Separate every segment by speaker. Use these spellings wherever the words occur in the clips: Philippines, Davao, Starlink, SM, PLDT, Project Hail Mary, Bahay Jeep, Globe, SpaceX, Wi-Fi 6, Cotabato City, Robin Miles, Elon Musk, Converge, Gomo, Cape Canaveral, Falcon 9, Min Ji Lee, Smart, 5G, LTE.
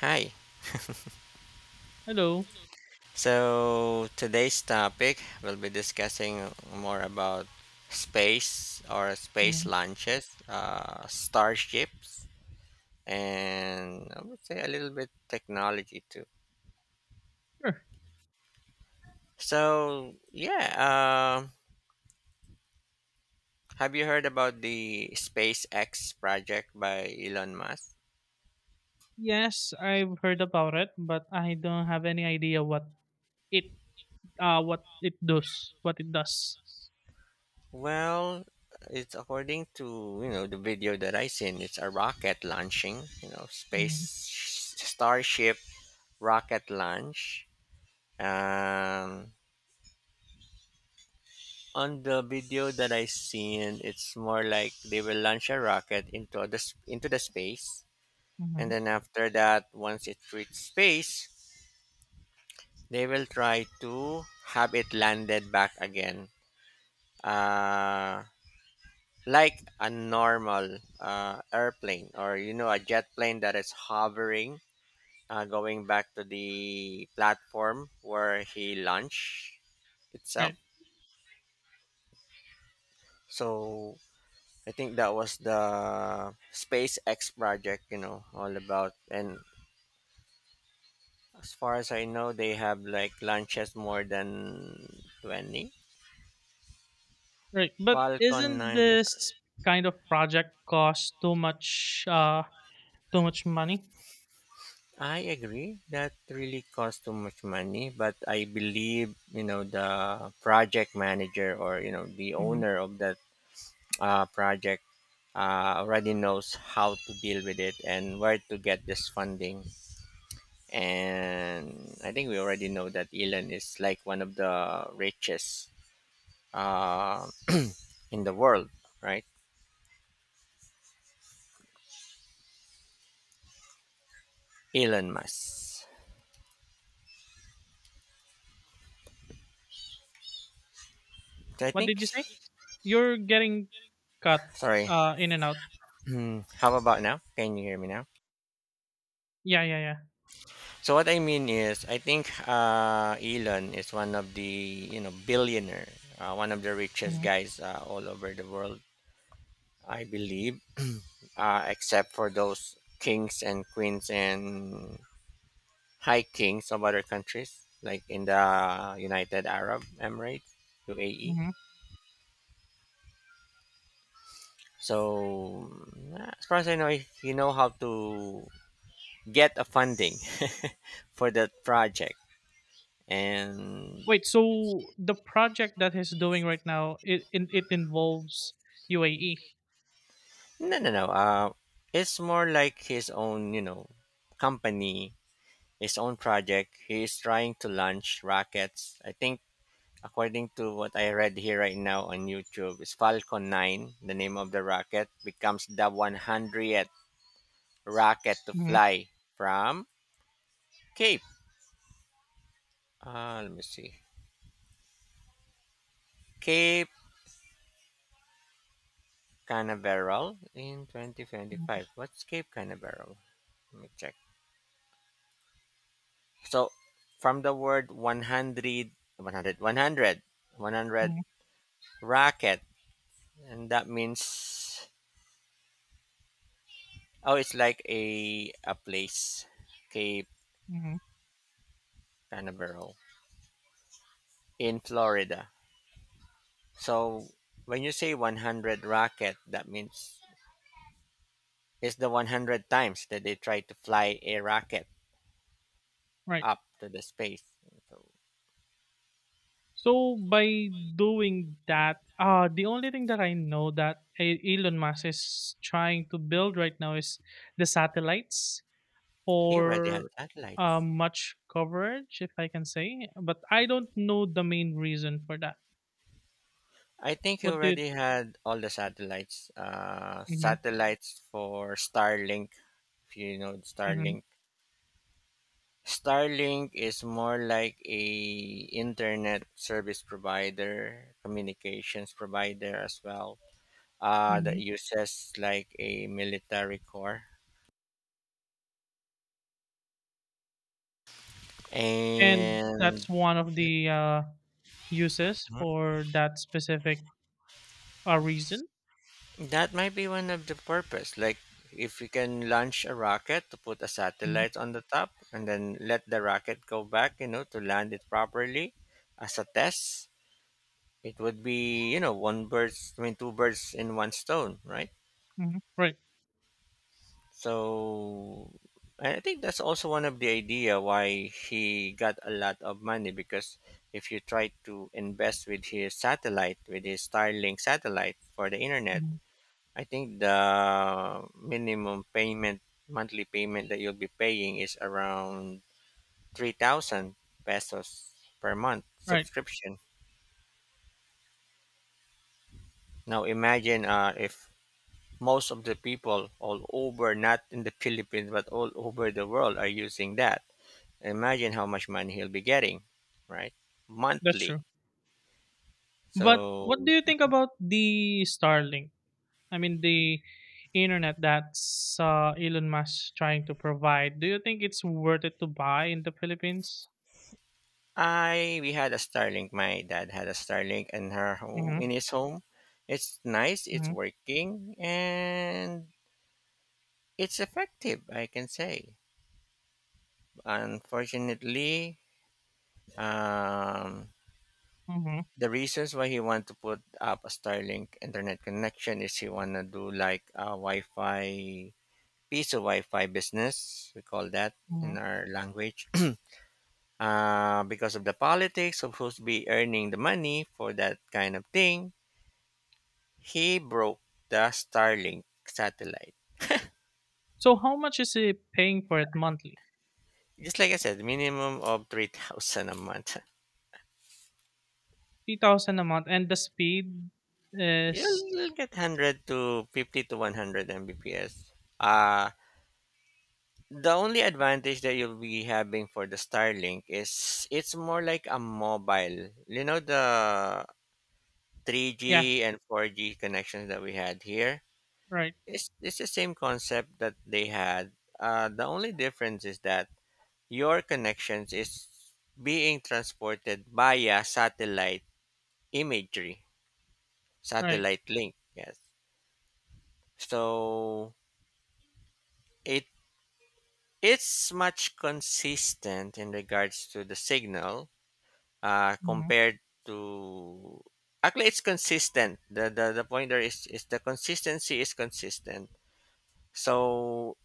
Speaker 1: Hi.
Speaker 2: Hello.
Speaker 1: So today's topic we'll be discussing more about space or space
Speaker 2: Mhm.
Speaker 1: launches, starships, and I would say a little bit technology too.
Speaker 2: Sure.
Speaker 1: So yeah, have you heard about the SpaceX project by Elon Musk?
Speaker 2: Yes, I've heard about it, but I don't have any idea it what it does.
Speaker 1: Well, it's according to you know the video that I seen. It's a rocket launching, you know, space
Speaker 2: Hmm.
Speaker 1: starship rocket launch. Um, on the video that I seen, it's more like they will launch a rocket into into the space, and
Speaker 2: Hmm.
Speaker 1: then after that, once it reaches space, they will try to have it landed back again, uh, like a normal airplane or you know a jet plane that is hovering, going back to the platform where he launched itself.
Speaker 2: Right,
Speaker 1: So I think that was the SpaceX project, you know, all about. And as far as I know, they have like launches more than 20.
Speaker 2: right. But
Speaker 1: Falcon
Speaker 2: isn't
Speaker 1: 9, yes.
Speaker 2: this kind of project cost too much money?
Speaker 1: I agree that really cost too much money, but I believe, you know, the project manager or, you know, the
Speaker 2: Hmm.
Speaker 1: owner of that project already knows how to deal with it and where to get this funding. And I think we already know that Elon is like one of the richest uh, in the world, right? Elon Musk. So I
Speaker 2: What
Speaker 1: think,
Speaker 2: did you say? You're getting cut
Speaker 1: sorry.
Speaker 2: in and out.
Speaker 1: Hmm, how about now? Can you hear me now?
Speaker 2: Yeah, yeah, yeah.
Speaker 1: So what I mean is, I think Elon is one of the you know billionaire, one of the richest
Speaker 2: Hmm.
Speaker 1: guys all over the world. I believe, except for those kings and queens and hiking some other countries like in the United Arab Emirates, UAE.
Speaker 2: Hmm.
Speaker 1: So yeah, as far as I know, if you know how to get a funding for that project. And
Speaker 2: Wait, so the project that he's doing right now, it involves UAE.
Speaker 1: no, no, no, it's more like his own you know company, his own project. He is trying to launch rockets. I think according to what I read here right now on YouTube is Falcon 9, the name of the rocket becomes the 100th rocket to fly from Cape. Let me see. Cape Canaveral in
Speaker 2: Mm-hmm.
Speaker 1: 2025. What's Cape Canaveral? Let me check. So, from the word 100, 100, 100, 100 rocket, and that means, oh, it's like a place, Cape
Speaker 2: Mhm.
Speaker 1: Canaveral in Florida. So, when you say 100 rocket, that means it's the 100 times that they try to fly a rocket
Speaker 2: Right.
Speaker 1: up to the space. So
Speaker 2: So by doing that, the only thing that I know that Elon Musk is trying to build right now is the satellites
Speaker 1: he already had
Speaker 2: for
Speaker 1: satellites.
Speaker 2: much coverage, if I can say. But I don't know the main reason for that.
Speaker 1: I think he
Speaker 2: What did?
Speaker 1: already had all the satellites.
Speaker 2: Hmm.
Speaker 1: Satellites for Starlink, if you know
Speaker 2: Hmm.
Speaker 1: Starlink. Starlink is more like a internet service provider, communications provider as well. That
Speaker 2: Hmm.
Speaker 1: uses like a military core.
Speaker 2: And
Speaker 1: And
Speaker 2: that's one of the uses for that specific reason.
Speaker 1: that might be one of the purpose. Like if we can launch a rocket to put a
Speaker 2: Hmm.
Speaker 1: satellite on the top and then let the rocket go back, you know, to land it properly as a test, it would be, you know, one birds, I mean, two birds in one stone, right?
Speaker 2: Hmm. Right.
Speaker 1: So I think that's also one of the idea why he got a lot of money, because if you try to invest with his satellite, with his Starlink satellite for the internet,
Speaker 2: Mhm.
Speaker 1: I think the minimum payment, monthly payment that you'll be paying is around 3,000 pesos per month
Speaker 2: Right.
Speaker 1: subscription. Now imagine if most of the people all over, not in the Philippines, but all over the world are using that. Imagine how much money he'll be getting, right?
Speaker 2: That's
Speaker 1: Monthly.
Speaker 2: true. But
Speaker 1: So
Speaker 2: what do you think about the Starlink? I mean, the internet that's Elon Musk trying to provide. Do you think it's worth it to buy in the Philippines?
Speaker 1: I, we had a Starlink. My dad had a Starlink in her home, in
Speaker 2: Mm-hmm,
Speaker 1: his home. It's nice. It's
Speaker 2: mm-hmm,
Speaker 1: working, and it's effective, I can say. Unfortunately, um,
Speaker 2: mm-hmm,
Speaker 1: the reasons why he want to put up a Starlink internet connection is he want to do like a Wi-Fi, piece of Wi-Fi business. We call that
Speaker 2: mm-hmm.
Speaker 1: in our language. Because of the politics of who's be earning the money for that kind of thing, he broke the Starlink satellite.
Speaker 2: So how much is he paying for it monthly?
Speaker 1: Just like I said, minimum of 3,000 a month.
Speaker 2: 3,000 a month, and the speed
Speaker 1: You'll
Speaker 2: is
Speaker 1: get 100 to 50 to 100 Mbps. Uh, the only advantage that you'll be having for the Starlink is it's more like a mobile. You know the
Speaker 2: yeah,
Speaker 1: 3G and 4G connections that we had here?
Speaker 2: right,
Speaker 1: It's the same concept that they had. The only difference is that your connections is being transported via satellite imagery,
Speaker 2: right.
Speaker 1: satellite link. Yes. So it it's much consistent in regards to the signal
Speaker 2: Hmm.
Speaker 1: compared to actually it's consistent. The pointer is the consistency is consistent. So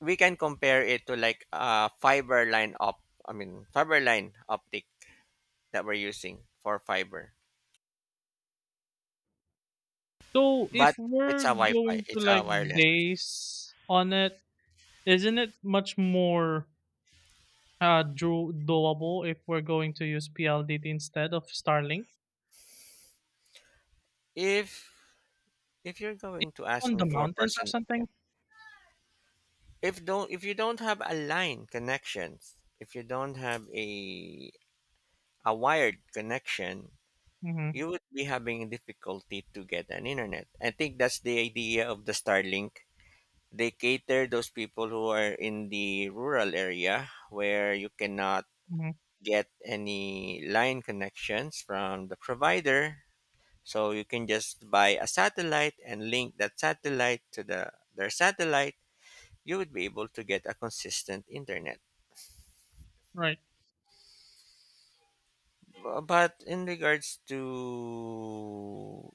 Speaker 1: we can compare it to like a fiber line op I mean fiber line optic that we're using for fiber.
Speaker 2: So
Speaker 1: But
Speaker 2: if
Speaker 1: it's
Speaker 2: we're
Speaker 1: a Wi-Fi.
Speaker 2: going to
Speaker 1: It's a
Speaker 2: like
Speaker 1: wireless.
Speaker 2: base on it, isn't it much more doable if we're going to use PLDT instead of Starlink
Speaker 1: If if you're going to ask
Speaker 2: on
Speaker 1: me
Speaker 2: the
Speaker 1: for
Speaker 2: mountains or
Speaker 1: person,
Speaker 2: something.
Speaker 1: if you don't have a line connections, if you don't have a wired connection,
Speaker 2: Mm-hmm.
Speaker 1: you would be having difficulty to get an internet. I think that's the idea of the Starlink. They cater those people who are in the rural area where you cannot
Speaker 2: Mm-hmm.
Speaker 1: get any line connections from the provider. So you can just buy a satellite and link that satellite to the their satellite. You would be able to get a consistent internet.
Speaker 2: Right.
Speaker 1: But in regards to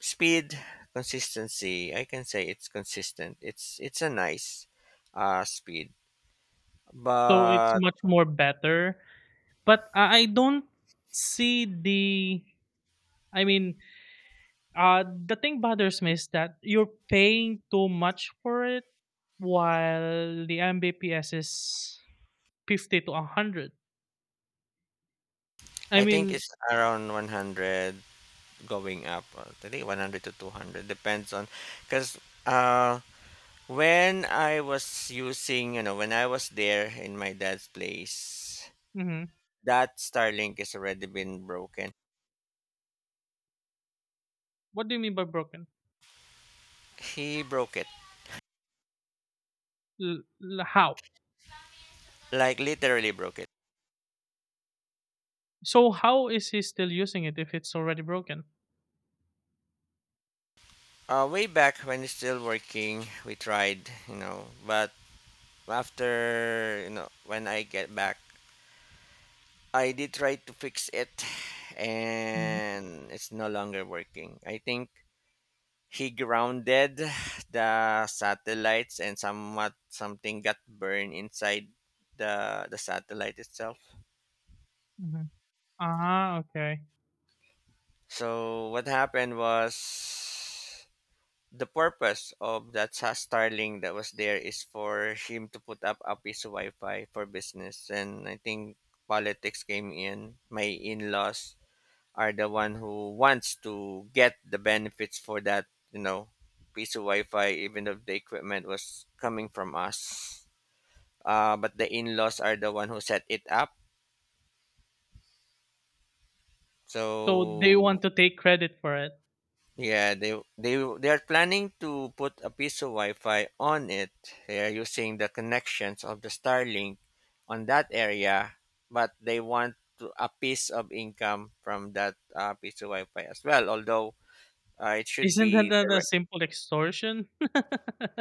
Speaker 1: speed, consistency, I can say it's consistent. It's a nice speed.
Speaker 2: So it's
Speaker 1: But
Speaker 2: much more better. But I don't see the. I mean, the thing bothers me is that you're paying too much for it while the Mbps is 50 to 100. I
Speaker 1: I think
Speaker 2: mean,
Speaker 1: it's around 100 going up. I think 100 to 200 depends on, cuz uh when I was using, you know, when I was there in my dad's place,
Speaker 2: mhm.
Speaker 1: that Starlink has already been broken.
Speaker 2: What do you mean by broken?
Speaker 1: He broke it.
Speaker 2: How?
Speaker 1: Like literally broke it.
Speaker 2: So, how is he still using it if it's already broken?
Speaker 1: Way back when he's still working, we tried, you know, but after you know when I get back, I did try to fix it,
Speaker 2: Mm-hmm.
Speaker 1: and it's no longer working. I think he grounded the satellites, and somewhat something got burned inside the satellite itself.
Speaker 2: Mhm. Ah, okay.
Speaker 1: So what happened was the purpose of that Starlink that was there is for him to put up a piece of Wi-Fi for business, and I think politics came in. My in-laws are the one who wants to get the benefits for that you know piece of Wi-Fi, even if the equipment was coming from us. But the in-laws are the one who set it up.
Speaker 2: So they
Speaker 1: So
Speaker 2: want to take credit for it.
Speaker 1: yeah, they they are planning to put a piece of Wi-Fi on it. They are using the connections of the Starlink on that area, but they want to, a piece of income from that piece of Wi-Fi as well, although it should
Speaker 2: Isn't that
Speaker 1: be
Speaker 2: that a
Speaker 1: direct.
Speaker 2: simple extortion?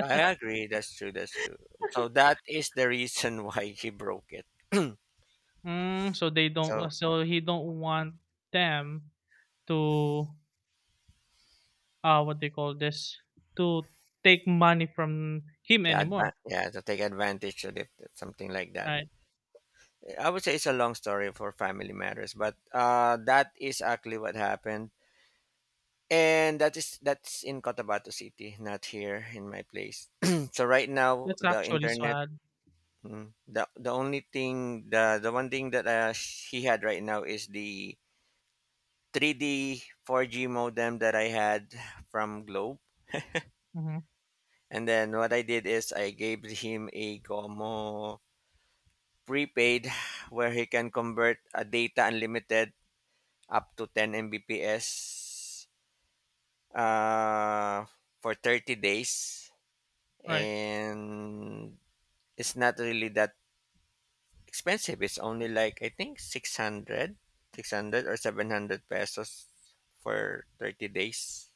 Speaker 1: I agree. That's true. That's true. So that is the reason why he broke it.
Speaker 2: Mm, so they don't.
Speaker 1: So
Speaker 2: So he don't want them to what they call this to take money from him anymore.
Speaker 1: yeah, to take advantage of it, something like that.
Speaker 2: Right.
Speaker 1: I would say it's a long story for family matters, but that is actually what happened, and that's in Cotabato City, not here in my place. So right now,
Speaker 2: That's
Speaker 1: the
Speaker 2: actually
Speaker 1: internet.
Speaker 2: sad.
Speaker 1: Mm, the only thing, the one thing that he had right now is the 3D 4G modem that I had from Globe.
Speaker 2: Mm-hmm.
Speaker 1: And then what I did is I gave him a Gomo prepaid where he can convert a data unlimited up to 10 Mbps, uh, for 30 days.
Speaker 2: Right.
Speaker 1: And it's not really that expensive. It's only like, I think, 600 or 700 pesos for 30 days,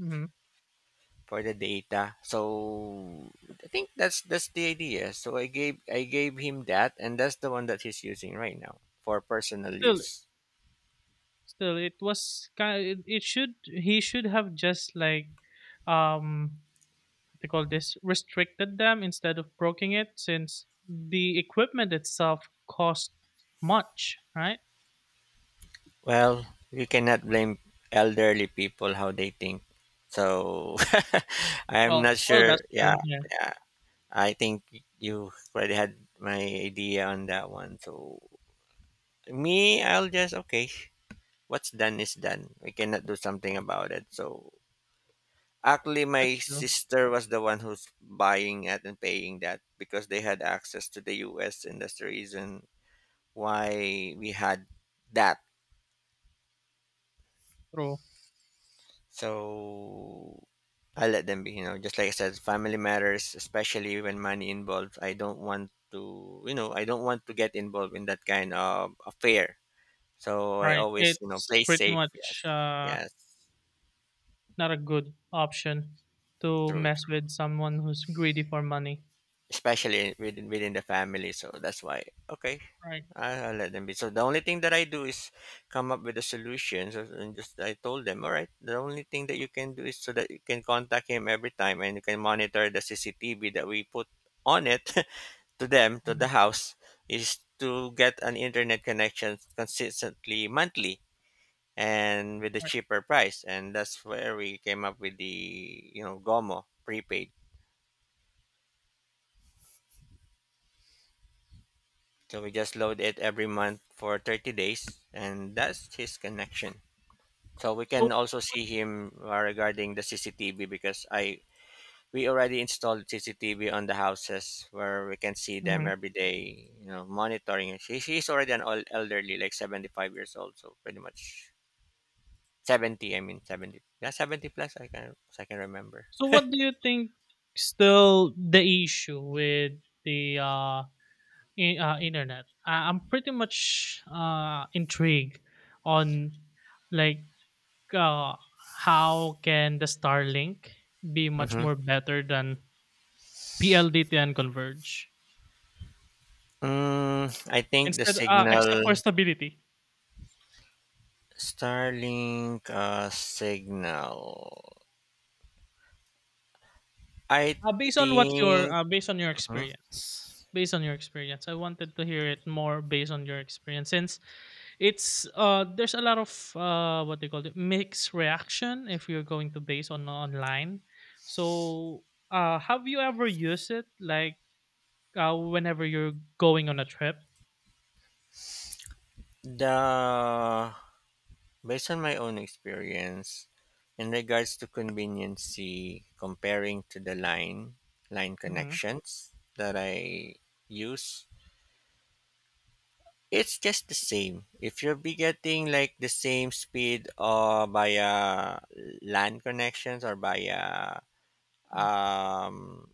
Speaker 2: Mm-hmm.
Speaker 1: for the data. So I think that's the idea. So I gave him that, and that's the one that he's using right now for personal
Speaker 2: Still,
Speaker 1: use.
Speaker 2: still, it was kind. It should. He should have just like um they call this restricted them instead of broking it since the equipment itself cost much, right?
Speaker 1: Well, you cannot blame elderly people how they think. So I'm
Speaker 2: Well,
Speaker 1: not
Speaker 2: well,
Speaker 1: sure.
Speaker 2: that's
Speaker 1: Yeah,
Speaker 2: true. Yeah,
Speaker 1: yeah. I think you already had my idea on that one. So me, I'll just okay. What's done is done. We cannot do something about it. So actually, my
Speaker 2: that's true.
Speaker 1: sister was the one who's buying it and paying that because they had access to the US, and that's the reason why we had that.
Speaker 2: True.
Speaker 1: So I let them be, you know, just like I said, family matters, especially when money involved. I don't want to, you know, I don't want to get involved in that kind of affair. So I
Speaker 2: Right.
Speaker 1: always, you know,
Speaker 2: It's
Speaker 1: play
Speaker 2: pretty
Speaker 1: safe.
Speaker 2: much
Speaker 1: Yes, yes,
Speaker 2: not a good option to
Speaker 1: true,
Speaker 2: mess
Speaker 1: true.
Speaker 2: with someone who's greedy for money.
Speaker 1: Especially within the family. So that's why. Okay,
Speaker 2: Right.
Speaker 1: I let them be. So the only thing that I do is come up with the solutions, and just I told them, all right. The only thing that you can do is so that you can contact him every time, and you can monitor the CCTV that we put on it to them to the
Speaker 2: Mhm.
Speaker 1: house is to get an internet connection consistently monthly and with a
Speaker 2: Right.
Speaker 1: cheaper price, and that's where we came up with the you know Gomo prepaid. So we just load it every month for 30 days, and that's his connection. So we
Speaker 2: So.
Speaker 1: can also see him regarding the CCTV because I we already installed CCTV on the houses where we can see them
Speaker 2: Mhm.
Speaker 1: every day, you know, monitoring. She's already an old elderly, like 75 years old, so pretty much 70, I mean 70. Yeah, 70 plus, I can, as I can remember.
Speaker 2: So, what do you think? Still, the issue with the internet. Ah, I'm pretty much, intrigued on, like, uh, how can the Starlink be much
Speaker 1: Mm-hmm.
Speaker 2: more better than PLDT and Converge?
Speaker 1: I think the
Speaker 2: Instead, except
Speaker 1: signal
Speaker 2: for stability.
Speaker 1: Starlink signal. I think
Speaker 2: Based on your
Speaker 1: mhm,
Speaker 2: experience, based on your experience, I wanted to hear it more based on your experience since it's there's a lot of what they call it mixed reaction if you're going to base on online. So have you ever used it like whenever you're going on a trip?
Speaker 1: the Based on my own experience, in regards to conveniency, comparing to the line
Speaker 2: Mm-hmm.
Speaker 1: connections that I use, it's just the same. If you will be getting like the same speed or via LAN connections or via um,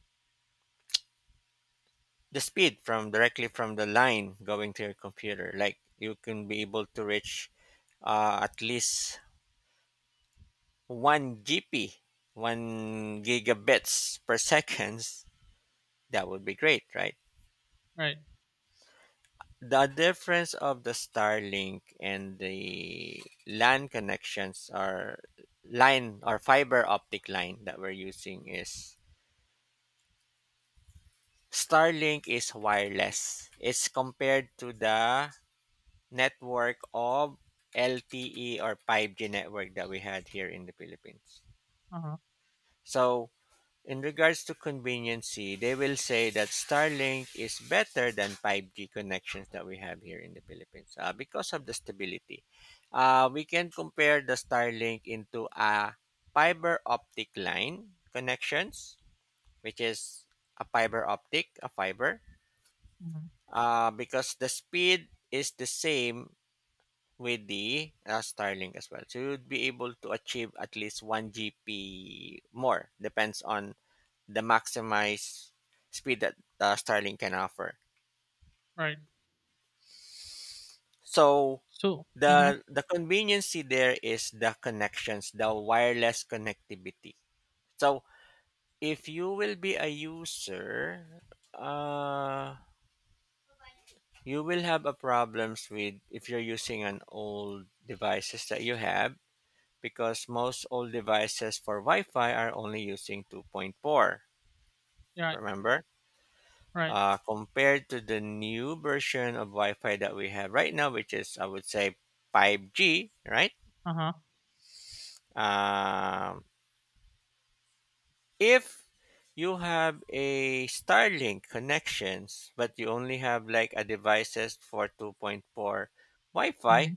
Speaker 1: the speed from directly from the line going to your computer, like you can be able to reach at least one GP, one gigabits per seconds, that would be great, right?
Speaker 2: Right.
Speaker 1: The difference of the Starlink and the LAN connections or line or fiber optic line that we're using is Starlink is wireless. It's compared to the network of LTE or 5G network that we had here in the Philippines.
Speaker 2: Uh huh.
Speaker 1: So in regards to conveniency, they will say that Starlink is better than 5G connections that we have here in the Philippines because of the stability. We can compare the Starlink into a fiber optic line connections, which is a fiber optic, a fiber,
Speaker 2: Hmm.
Speaker 1: because the speed is the same with the Starlink as well. So you'd be able to achieve at least 1 GP more, depends on the maximized speed that Starlink can offer.
Speaker 2: Right.
Speaker 1: So
Speaker 2: So. Mm-hmm.
Speaker 1: the conveniency there is the connections, the wireless connectivity. So if you will be a user, uh, you will have a problems with if you're using an old devices that you have because most old devices for Wi-Fi are only using 2.4.
Speaker 2: Right.
Speaker 1: Remember?
Speaker 2: Right.
Speaker 1: Compared to the new version of Wi-Fi that we have right now, which is I would say 5G, right?
Speaker 2: Uh huh.
Speaker 1: Um, if you have a Starlink connections, but you only have like a devices for 2.4 Wi-Fi,
Speaker 2: Mm-hmm.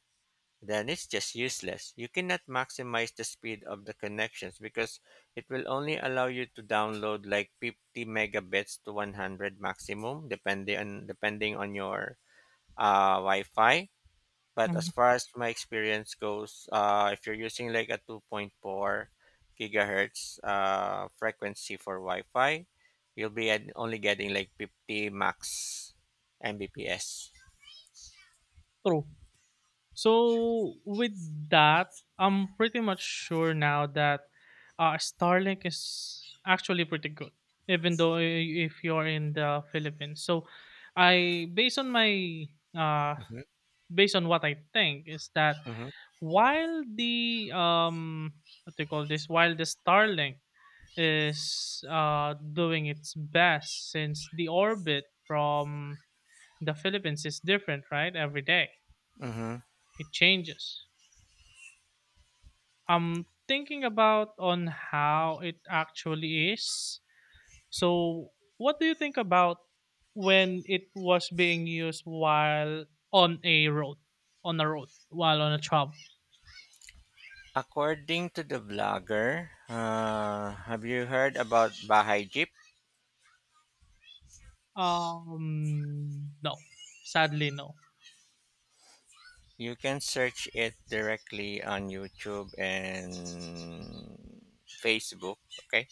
Speaker 1: then it's just useless. You cannot maximize the speed of the connections because it will only allow you to download like 50 megabits to 100 maximum, depending on your Wi-Fi. But as far as my experience goes, if you're using like a 2.4 gigahertz frequency for Wi-Fi, you'll be at only getting like 50 max Mbps.
Speaker 2: True. So with that, I'm pretty much sure now that Starlink is actually pretty good, even though if you're in the Philippines. So I, based on my, uh,
Speaker 1: Mhm,
Speaker 2: based on what I think is that
Speaker 1: mhm.
Speaker 2: while the what do you call this? While the Starlink is doing its best since the orbit from the Philippines is different, right? Every day
Speaker 1: Mm-hmm.
Speaker 2: it changes. I'm thinking about on how it actually is. So, what do you think about when it was being used while on a road, on a road, while on a travel?
Speaker 1: According to the blogger, have you heard about Bahay Jeep?
Speaker 2: No, sadly, no.
Speaker 1: You can search it directly on YouTube and Facebook. Okay.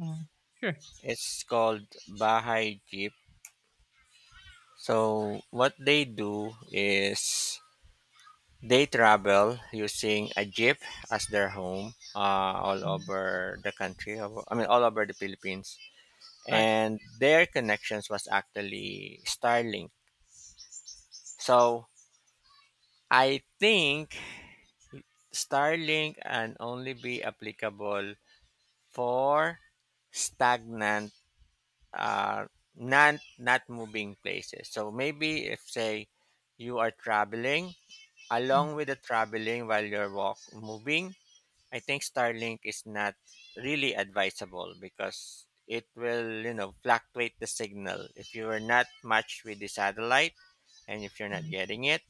Speaker 2: Mm, sure.
Speaker 1: It's called Baha'i Jeep. So what they do is they travel using a jeep as their home all
Speaker 2: Mhm.
Speaker 1: over the country. I mean, all over the Philippines.
Speaker 2: Right.
Speaker 1: And their connections was actually Starlink. So I think Starlink can only be applicable for stagnant uh, not moving places. So maybe if say you are traveling along with the traveling while you're walk moving, I think Starlink is not really advisable because it will, you know, fluctuate the signal if you are not matched with the satellite and if you're not getting it,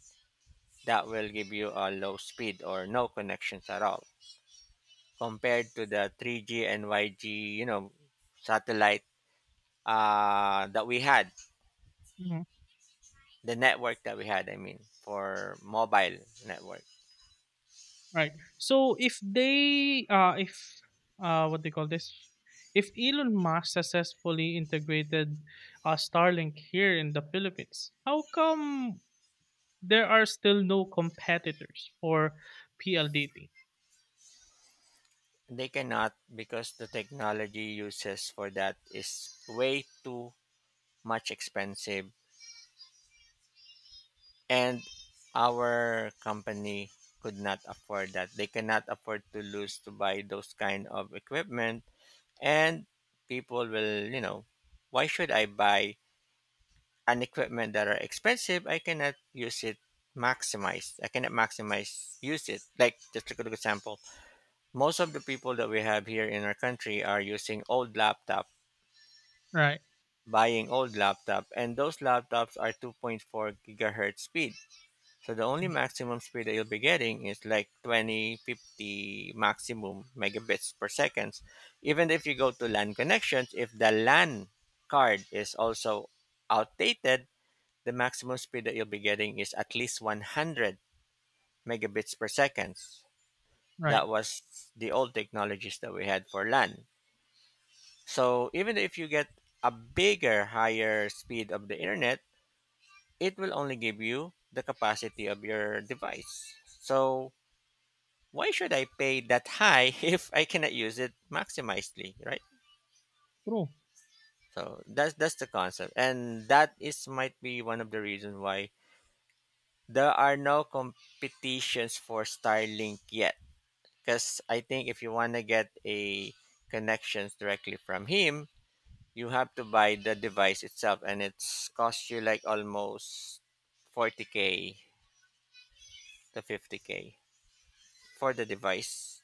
Speaker 1: that will give you a low speed or no connections at all compared to the 3G and yg, you know, satellite that we had
Speaker 2: Mhm.
Speaker 1: the network that we had, I mean, for mobile network.
Speaker 2: Right. So if what they call this, if Elon Musk successfully integrated Starlink here in the Philippines, how come there are still no competitors for PLDT?
Speaker 1: They cannot because the technology uses for that is way too much expensive and our company could not afford that. They cannot afford to lose to buy those kind of equipment, and people will, you know, why should I buy an equipment that are expensive? I cannot use it maximized. I cannot maximize use it. Like just a good example, most of the people that we have here in our country are using old laptop,
Speaker 2: Right,
Speaker 1: buying old laptop, and those laptops are 2.4 gigahertz speed. So the only maximum speed that you'll be getting is like 20, 50 maximum megabits per seconds. Even if you go to LAN connections, if the LAN card is also outdated, the maximum speed that you'll be getting is at least 100 megabits per seconds.
Speaker 2: right.
Speaker 1: That was the old technologies that we had for LAN. So even if you get a bigger, higher speed of the internet, it will only give you the capacity of your device. So why should I pay that high if I cannot use it maximizedly, right?
Speaker 2: True.
Speaker 1: So that's the concept, and that is might be one of the reasons why there are no competitions for Starlink yet. Because I think if you want to get a connections directly from him, you have to buy the device itself, and it's cost you like almost 40k to 50k for the device.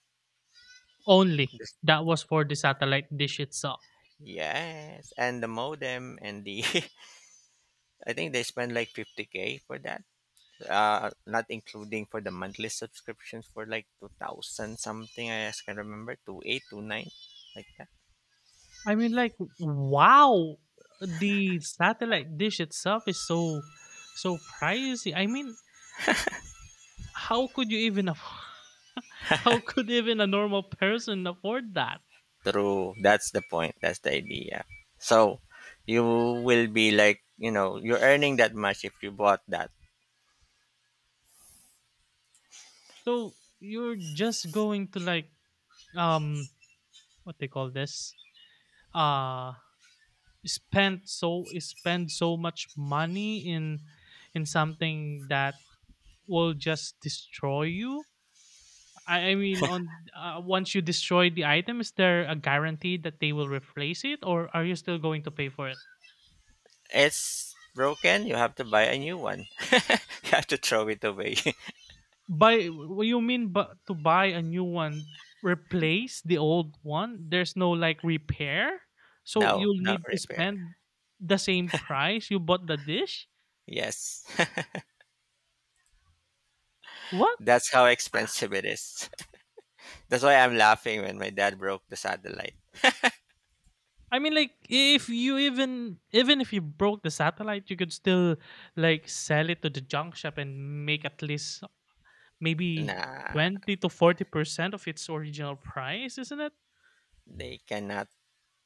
Speaker 2: Only
Speaker 1: Just-
Speaker 2: that was for the satellite dish itself.
Speaker 1: yes, and the modem and the I think they spend like 50k for that, not including for the monthly subscriptions for like 2000 something. I just can remember 28, 29, like that.
Speaker 2: I mean, like, wow, the satellite dish itself is so, so pricey. I mean, how could you even afford how could even a normal person afford that?
Speaker 1: True, that's the point, that's the idea. So you will be like, you know, you're earning that much if you bought that.
Speaker 2: So you're just going to like um what they call this uh spend so much money in something that will just destroy you. I mean, on once you destroy the item, is there a guarantee that they will replace it, or are you still going to pay for it?
Speaker 1: It's broken, you have to buy a new one. You have to throw it away.
Speaker 2: Buy what you mean but to buy a new one, replace the old one? There's no like repair? So
Speaker 1: No,
Speaker 2: you'll
Speaker 1: not
Speaker 2: need to
Speaker 1: repair.
Speaker 2: spend the same price you bought the dish?
Speaker 1: Yes,
Speaker 2: What?
Speaker 1: that's how
Speaker 2: Ah,
Speaker 1: expensive it is. That's why I'm laughing when my dad broke the satellite.
Speaker 2: I mean, like if you even even if you broke the satellite, you could still like sell it to the junk shop and make at least maybe
Speaker 1: Nah,
Speaker 2: 20 to 40% of its original price, isn't it?
Speaker 1: they cannot.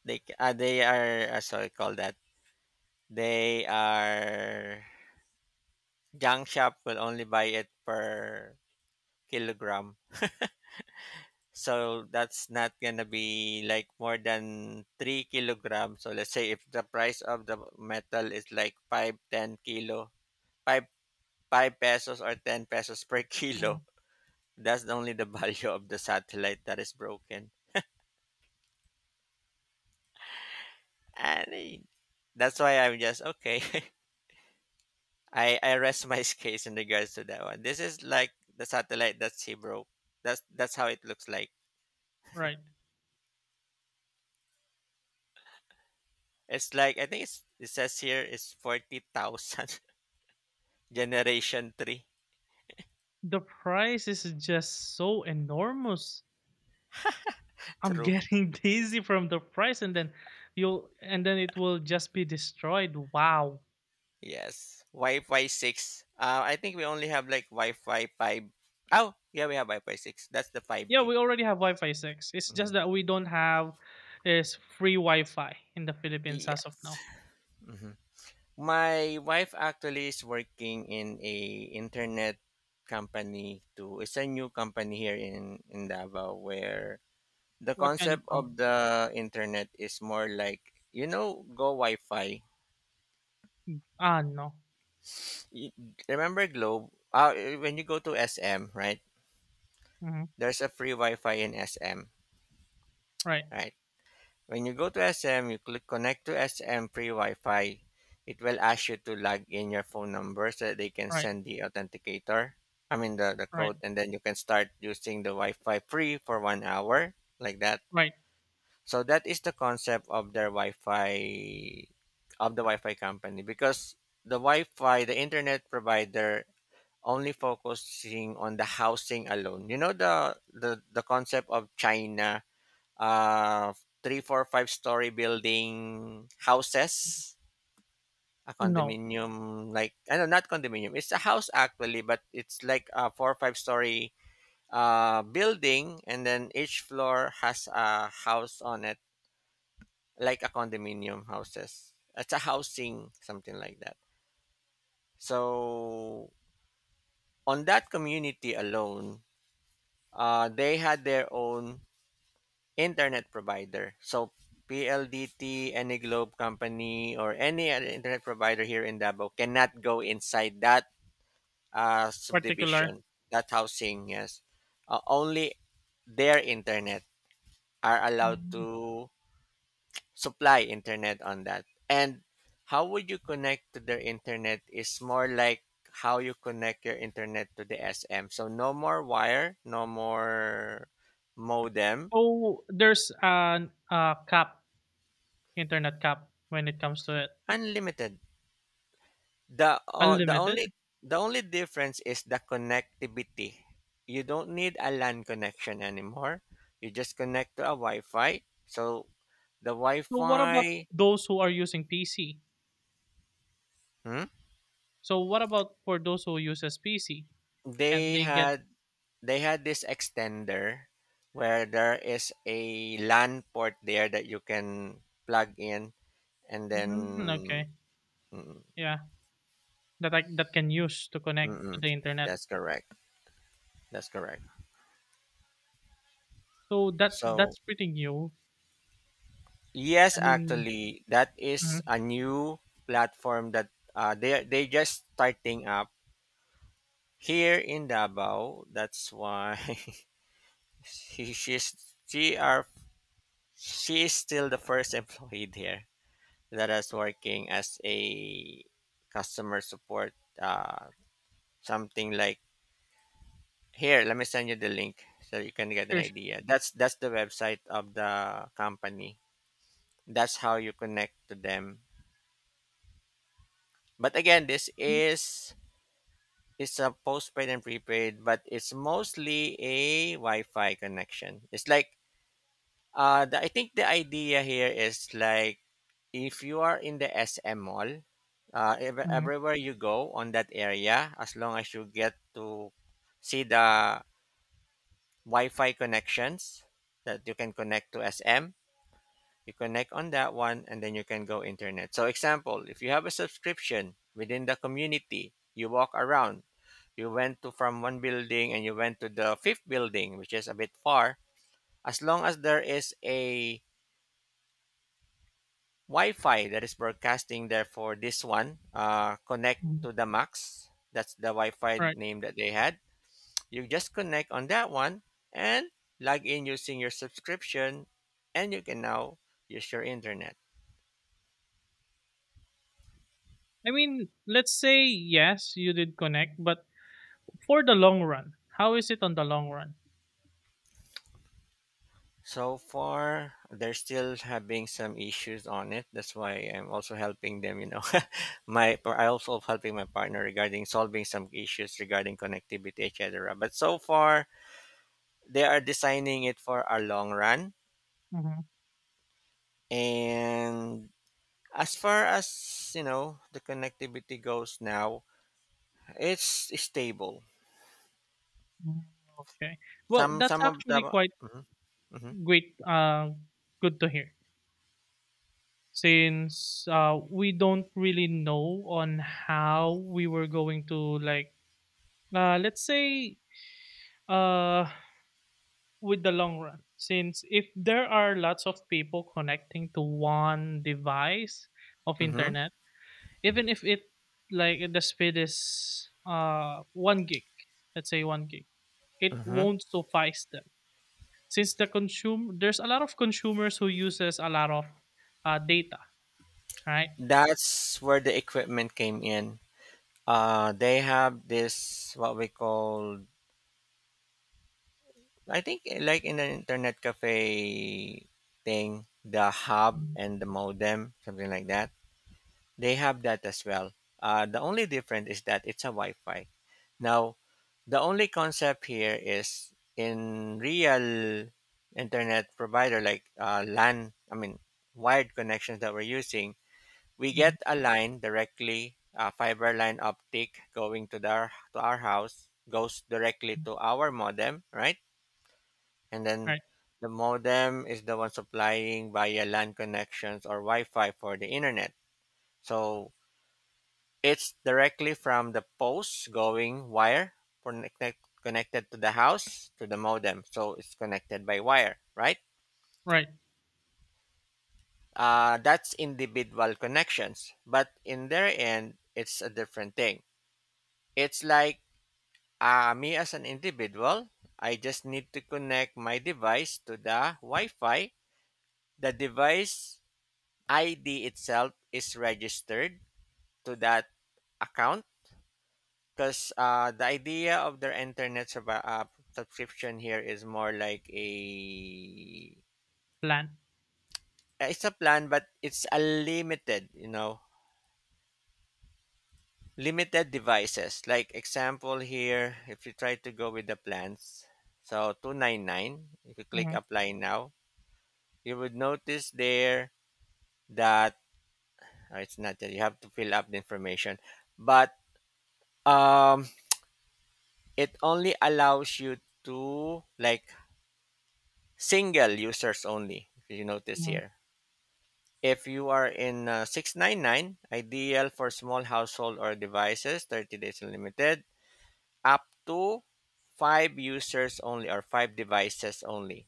Speaker 1: They are, sorry, call that. They are junk shop will only buy it per kilogram. So that's not gonna be like more than 3 kilograms. So let's say if the price of the metal is like five, 10 kilo, five five pesos or ten pesos per
Speaker 2: Mhm.
Speaker 1: kilo, that's only the value of the satellite that is broken. And that's why I'm just okay. I rest my case in regards to that one. This is like the satellite that she broke. That's how it looks like.
Speaker 2: Right.
Speaker 1: It's like, I think it's, it says here it's 40,000 generation three.
Speaker 2: The price is just so enormous. I'm
Speaker 1: True.
Speaker 2: getting dizzy from the price, and then it will just be destroyed. Wow.
Speaker 1: Yes. Wi-Fi 6. I think we only have like Wi-Fi 5. Oh, yeah, we have Wi-Fi 6. That's the
Speaker 2: Yeah,
Speaker 1: 5G.
Speaker 2: we already have Wi-Fi 6. It's just
Speaker 1: Mhm.
Speaker 2: that we don't have is free Wi-Fi in the Philippines as of
Speaker 1: Yes.
Speaker 2: now.
Speaker 1: My wife actually is working in a internet company too. It's a new company here in Davao where the
Speaker 2: What kind of
Speaker 1: concept of
Speaker 2: com-?
Speaker 1: the internet is more like, you know, go Wi-Fi.
Speaker 2: Ah, no.
Speaker 1: Y- Remember Globe? When you go to SM, right?
Speaker 2: Hmm.
Speaker 1: There's a free Wi-Fi in SM,
Speaker 2: Right,
Speaker 1: right? When you go to SM, you click connect to SM free Wi-Fi. It will ask you to log in your phone number so that they can
Speaker 2: right,
Speaker 1: send the authenticator. I mean the
Speaker 2: right,
Speaker 1: code, and then you can start using the Wi-Fi free for 1 hour like that.
Speaker 2: right.
Speaker 1: So that is the concept of their Wi-Fi of the Wi-Fi company because the Wi-Fi, the internet provider only focusing on the housing alone. You know the concept of China uh, three, four, five story building houses, a
Speaker 2: No
Speaker 1: condominium, like, I know, not condominium, it's a house actually, but it's like a four or five story building, and then each floor has a house on it, like a condominium houses. It's a housing, something like that. So, on that community alone, they had their own internet provider. So PLDT, any Globe company, or any other internet provider here in Davao cannot go inside that
Speaker 2: particular.
Speaker 1: subdivision, that housing. Yes, only their internet are allowed
Speaker 2: Mm.
Speaker 1: to supply internet on that. And how would you connect to their internet is more like how you connect your internet to the SM. So no more wire, no more modem,
Speaker 2: Oh, there's an cap internet cap when it comes to it.
Speaker 1: unlimited. The only,
Speaker 2: Unlimited.
Speaker 1: the only difference is the connectivity. You don't need a LAN connection anymore. You just connect to a Wi-Fi. So the
Speaker 2: So what about
Speaker 1: Wi-Fi,
Speaker 2: those who are using PC?
Speaker 1: hmm,
Speaker 2: So what about for those who uses PC? Can
Speaker 1: they
Speaker 2: they get
Speaker 1: had they had this extender where there is a LAN port there that you can plug in, and
Speaker 2: mm,
Speaker 1: then
Speaker 2: okay,
Speaker 1: mm, mm,
Speaker 2: yeah, that can use to connect to
Speaker 1: mm.
Speaker 2: the internet.
Speaker 1: that's correct. That's correct.
Speaker 2: So that
Speaker 1: So
Speaker 2: that's pretty new.
Speaker 1: yes,
Speaker 2: I mean,
Speaker 1: actually, that is
Speaker 2: mhm,
Speaker 1: a new platform that they just starting up here in Davao. That's why she she's she are she is still the first employee there that is working as a customer support. Uh, something like here. Let me send you the link so you can get an
Speaker 2: sure, sure.
Speaker 1: idea. That's the website of the company. That's how you connect to them. But again, this is, it's a postpaid and prepaid, but it's mostly a Wi-Fi connection. It's like I think the idea here is like if you are in the SM mall,
Speaker 2: Mhm,
Speaker 1: everywhere you go on that area, as long as you get to see the Wi-Fi connections that you can connect to SM, you connect on that one and then you can go internet. So example, if you have a subscription within the community, you walk around, you went to from one building and you went to the fifth building, which is a bit far. As long as there is a Wi-Fi that is broadcasting there for this one, connect
Speaker 2: mhm.
Speaker 1: to the max, that's the Wi-Fi
Speaker 2: Right.
Speaker 1: name that they had. You just connect on that one and log in using your subscription, and you can now use your internet.
Speaker 2: I mean, let's say yes, you did connect, but for the long run, how is it on the long run?
Speaker 1: So far, they're still having some issues on it. That's why I'm also helping them, you know. my I also helping my partner regarding solving some issues regarding connectivity, etc. But so far, they are designing it for a long run.
Speaker 2: Mhm,
Speaker 1: And as far as you know, the connectivity goes now, it's stable.
Speaker 2: mhm, okay. Well,
Speaker 1: Some
Speaker 2: that's
Speaker 1: some of
Speaker 2: actually
Speaker 1: the.
Speaker 2: quite
Speaker 1: Mhm. Mhm.
Speaker 2: great. Good to hear. Since we don't really know on how we were going to like, let's say, uh, with the long run, since if there are lots of people connecting to one device of
Speaker 1: Mm-hmm.
Speaker 2: internet, even if it like the speed is 1 gig, let's say 1 gig, it
Speaker 1: Mm-hmm.
Speaker 2: won't suffice them, since there's a lot of consumers who uses a lot of data, right?
Speaker 1: That's where the equipment came in. They have this what we call, I think, like in an internet cafe thing, the hub
Speaker 2: Mhm,
Speaker 1: and the modem, something like that. They have that as well. The only difference is that it's a Wi-Fi. Now, the only concept here is in real internet provider like LAN. I mean, wired connections that we're using. We
Speaker 2: mhm,
Speaker 1: get a line directly, a fiber line optic going to their to our house, goes directly
Speaker 2: mhm.
Speaker 1: to our modem, right? And then
Speaker 2: Right,
Speaker 1: the modem is the one supplying via LAN connections or Wi-Fi for the internet. So it's directly from the posts going wire connected connected to the house to the modem. So it's connected by wire, right?
Speaker 2: right.
Speaker 1: That's individual connections, but in their end, it's a different thing. It's like me as an individual, I just need to connect my device to the Wi Fi. The device ID itself is registered to that account, because the idea of their internet subscription here is more like a
Speaker 2: Plan.
Speaker 1: it's a plan, but it's a limited, you know, limited devices. Like example here, if you try to go with the plans, so 299, if you click
Speaker 2: Mhm,
Speaker 1: apply now, you would notice there that it's not that you have to fill up the information, but um it only allows you to like single users only, if you notice
Speaker 2: mhm,
Speaker 1: here. If you are in 699, ideal for small household or devices, 30 days unlimited, up to five users only or five devices only.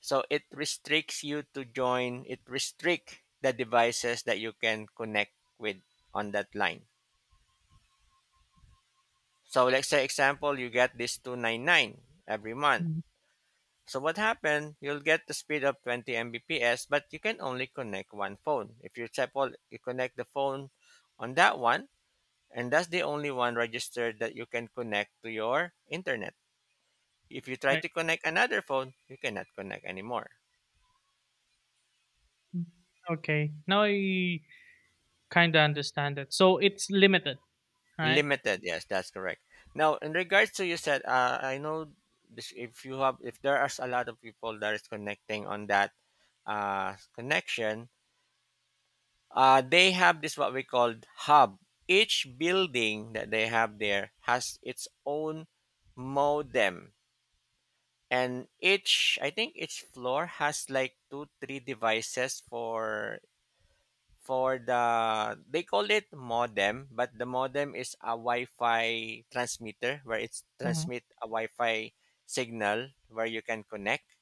Speaker 1: So it restricts you to join, it restrict the devices that you can connect with on that line. So let's say example, you get this 299 every month.
Speaker 2: mhm.
Speaker 1: So what happened? You'll get the speed of 20 Mbps, but you can only connect one phone. If you example, you connect the phone on that one, and that's the only one registered that you can connect to your internet. If you try
Speaker 2: Right.
Speaker 1: to connect another phone, you cannot connect anymore.
Speaker 2: Mhm. Okay, now I kind of understand it, so it's limited, right?
Speaker 1: Limited, yes, that's correct. Now, in regards to you said, I know this, if you have, if there are a lot of people that is connecting on that connection, they have this what we called hub. Each building that they have there has its own modem, and each, I think each floor has like two, three devices for the they call it modem, but the modem is a Wi-Fi transmitter where it's
Speaker 2: Mhm,
Speaker 1: transmit a Wi-Fi signal where you can connect,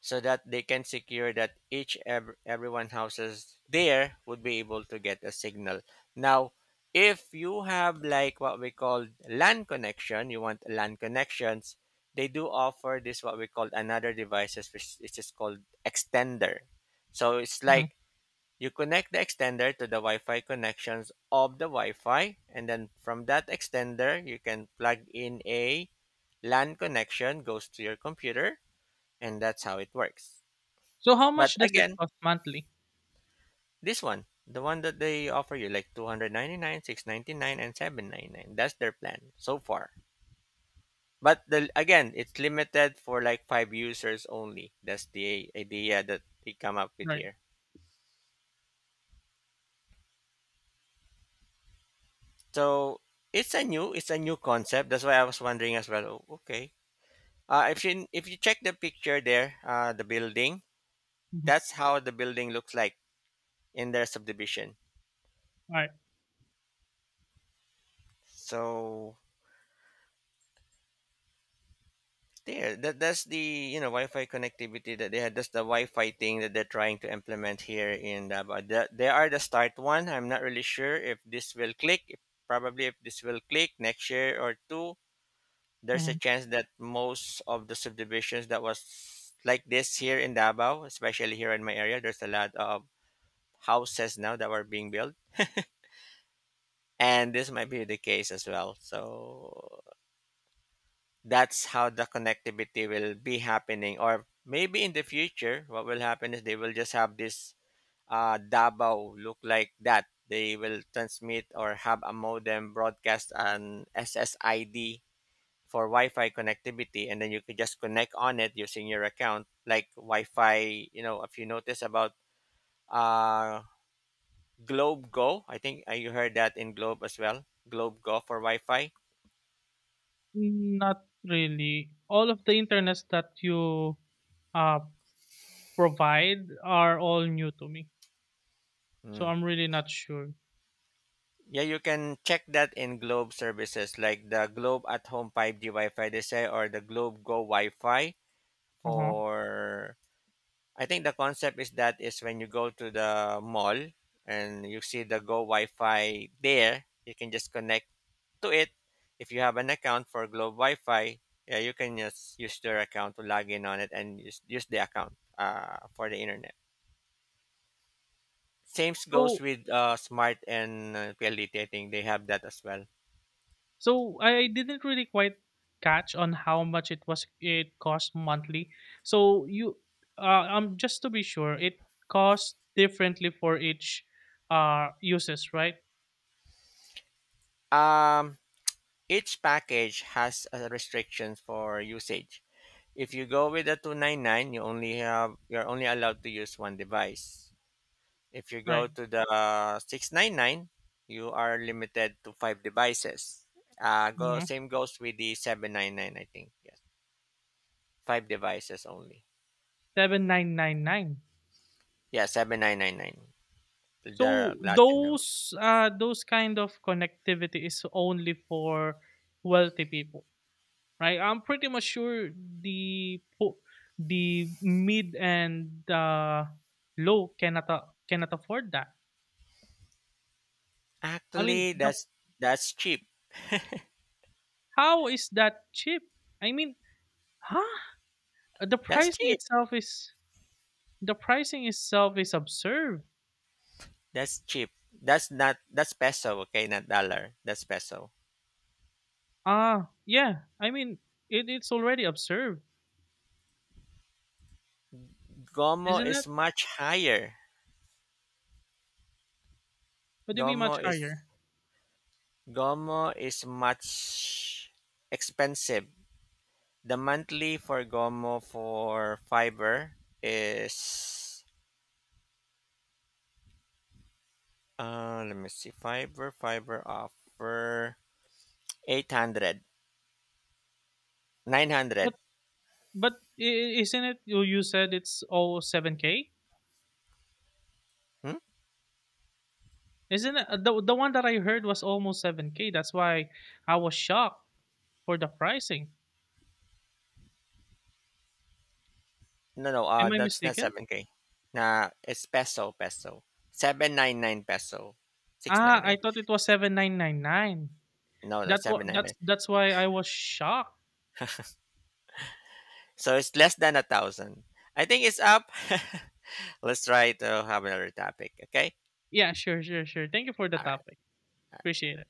Speaker 1: so that they can secure that each everyone houses there would be able to get a signal. Now, if you have like what we call LAN connection, you want LAN connections, they do offer this what we call another devices which is called extender. So it's
Speaker 2: mhm.
Speaker 1: like you connect the extender to the Wi-Fi connections of the Wi-Fi, and then from that extender, you can plug in a LAN connection goes to your computer, and that's how it works.
Speaker 2: So how much
Speaker 1: But
Speaker 2: does it
Speaker 1: again,
Speaker 2: cost monthly?
Speaker 1: this one, the one that they offer you like 299, 699 and 799. That's their plan so far. But the again, it's limited for like 5 users only. That's the idea that they come up with
Speaker 2: Right.
Speaker 1: here. So, it's a new concept. That's why I was wondering as well. Oh, okay. If you check the picture there, the building,
Speaker 2: Mhm.
Speaker 1: that's how the building looks like in their subdivision.
Speaker 2: Alright.
Speaker 1: So there, that's the, you know, Wi-Fi connectivity that they had. That's the Wi-Fi thing that they're trying to implement here in Davao. The, they are the start one. I'm not really sure if this will click. If, probably if this will click next year or two, there's a
Speaker 2: Mhm.
Speaker 1: chance that most of the subdivisions that was like this here in Davao, especially here in my area, there's a lot of houses now that were being built, and this might be the case as well. So that's how the connectivity will be happening, or maybe in the future what will happen is they will just have this dabao look like that, they will transmit or have a modem broadcast an ssid for Wi-Fi connectivity, and then you could just connect on it using your account, like Wi-Fi, you know. If you notice about uh globe go, I think, you heard that in globe as well, globe go for Wi-Fi.
Speaker 2: Not really. All of the internets that you uh, provide are all new to me. So
Speaker 1: Hmm.
Speaker 2: I'm really not sure.
Speaker 1: Yeah, you can check that in Globe services like the Globe at Home 5G Wi-Fi they say, or the Globe Go Wi-Fi
Speaker 2: Uh-huh.
Speaker 1: for, I think the concept is that is when you go to the mall and you see the Go Wi-Fi there, you can just connect to it. If you have an account for Globe Wi-Fi, yeah, you can just use their account to log in on it and use the account for the internet. Same goes
Speaker 2: So
Speaker 1: with Smart and PLDT. I think they have that as well.
Speaker 2: so I didn't really quite catch on how much it cost monthly. So you just to be sure, it costs differently for each uses, right?
Speaker 1: Um, Each package has a restriction for usage. If you go with the 299, you only have you're only allowed to use one device. If you go
Speaker 2: Right.
Speaker 1: to the 699, you are limited to five devices. Go
Speaker 2: Mm-hmm.
Speaker 1: same goes with the 799, I think. Yes. Five devices only.
Speaker 2: 7,999.
Speaker 1: Yeah, 7999. The
Speaker 2: So
Speaker 1: platinum.
Speaker 2: those kind of connectivity is only for wealthy people, right? I'm pretty much sure the po- the mid and low cannot afford that. I mean,
Speaker 1: Actually, that's cheap.
Speaker 2: how is that cheap? I mean, huh? The
Speaker 1: That's
Speaker 2: pricing
Speaker 1: cheap.
Speaker 2: itself is the pricing itself is absurd.
Speaker 1: That's cheap. That's not, that's peso, okay, not dollar. That's peso.
Speaker 2: Ah, yeah. I mean, it's already absurd,
Speaker 1: Gomo
Speaker 2: isn't it?
Speaker 1: is much higher.
Speaker 2: What do you mean
Speaker 1: Gomo
Speaker 2: much
Speaker 1: is
Speaker 2: higher?
Speaker 1: Gomo is much expensive. The monthly for Gomo for fiber is let me see, fiber fiber offer 800 900.
Speaker 2: But But isn't it you said it's all 7K?
Speaker 1: Hmm?
Speaker 2: Isn't it the one that I heard was almost 7K? That's why I was shocked for the pricing.
Speaker 1: No no,
Speaker 2: Am I
Speaker 1: that's not
Speaker 2: mistaken?
Speaker 1: 7k. Nah, it's peso peso, 799 peso,
Speaker 2: Ah, I
Speaker 1: 699,
Speaker 2: thought it was 7,999.
Speaker 1: no no,
Speaker 2: That wa- that's
Speaker 1: 799,
Speaker 2: that's why I was shocked.
Speaker 1: so it's less than a thousand. I think it's up. Let's try to have another topic, okay?
Speaker 2: Yeah, sure, sure, sure. Thank you for the
Speaker 1: All right.
Speaker 2: topic. Appreciate it.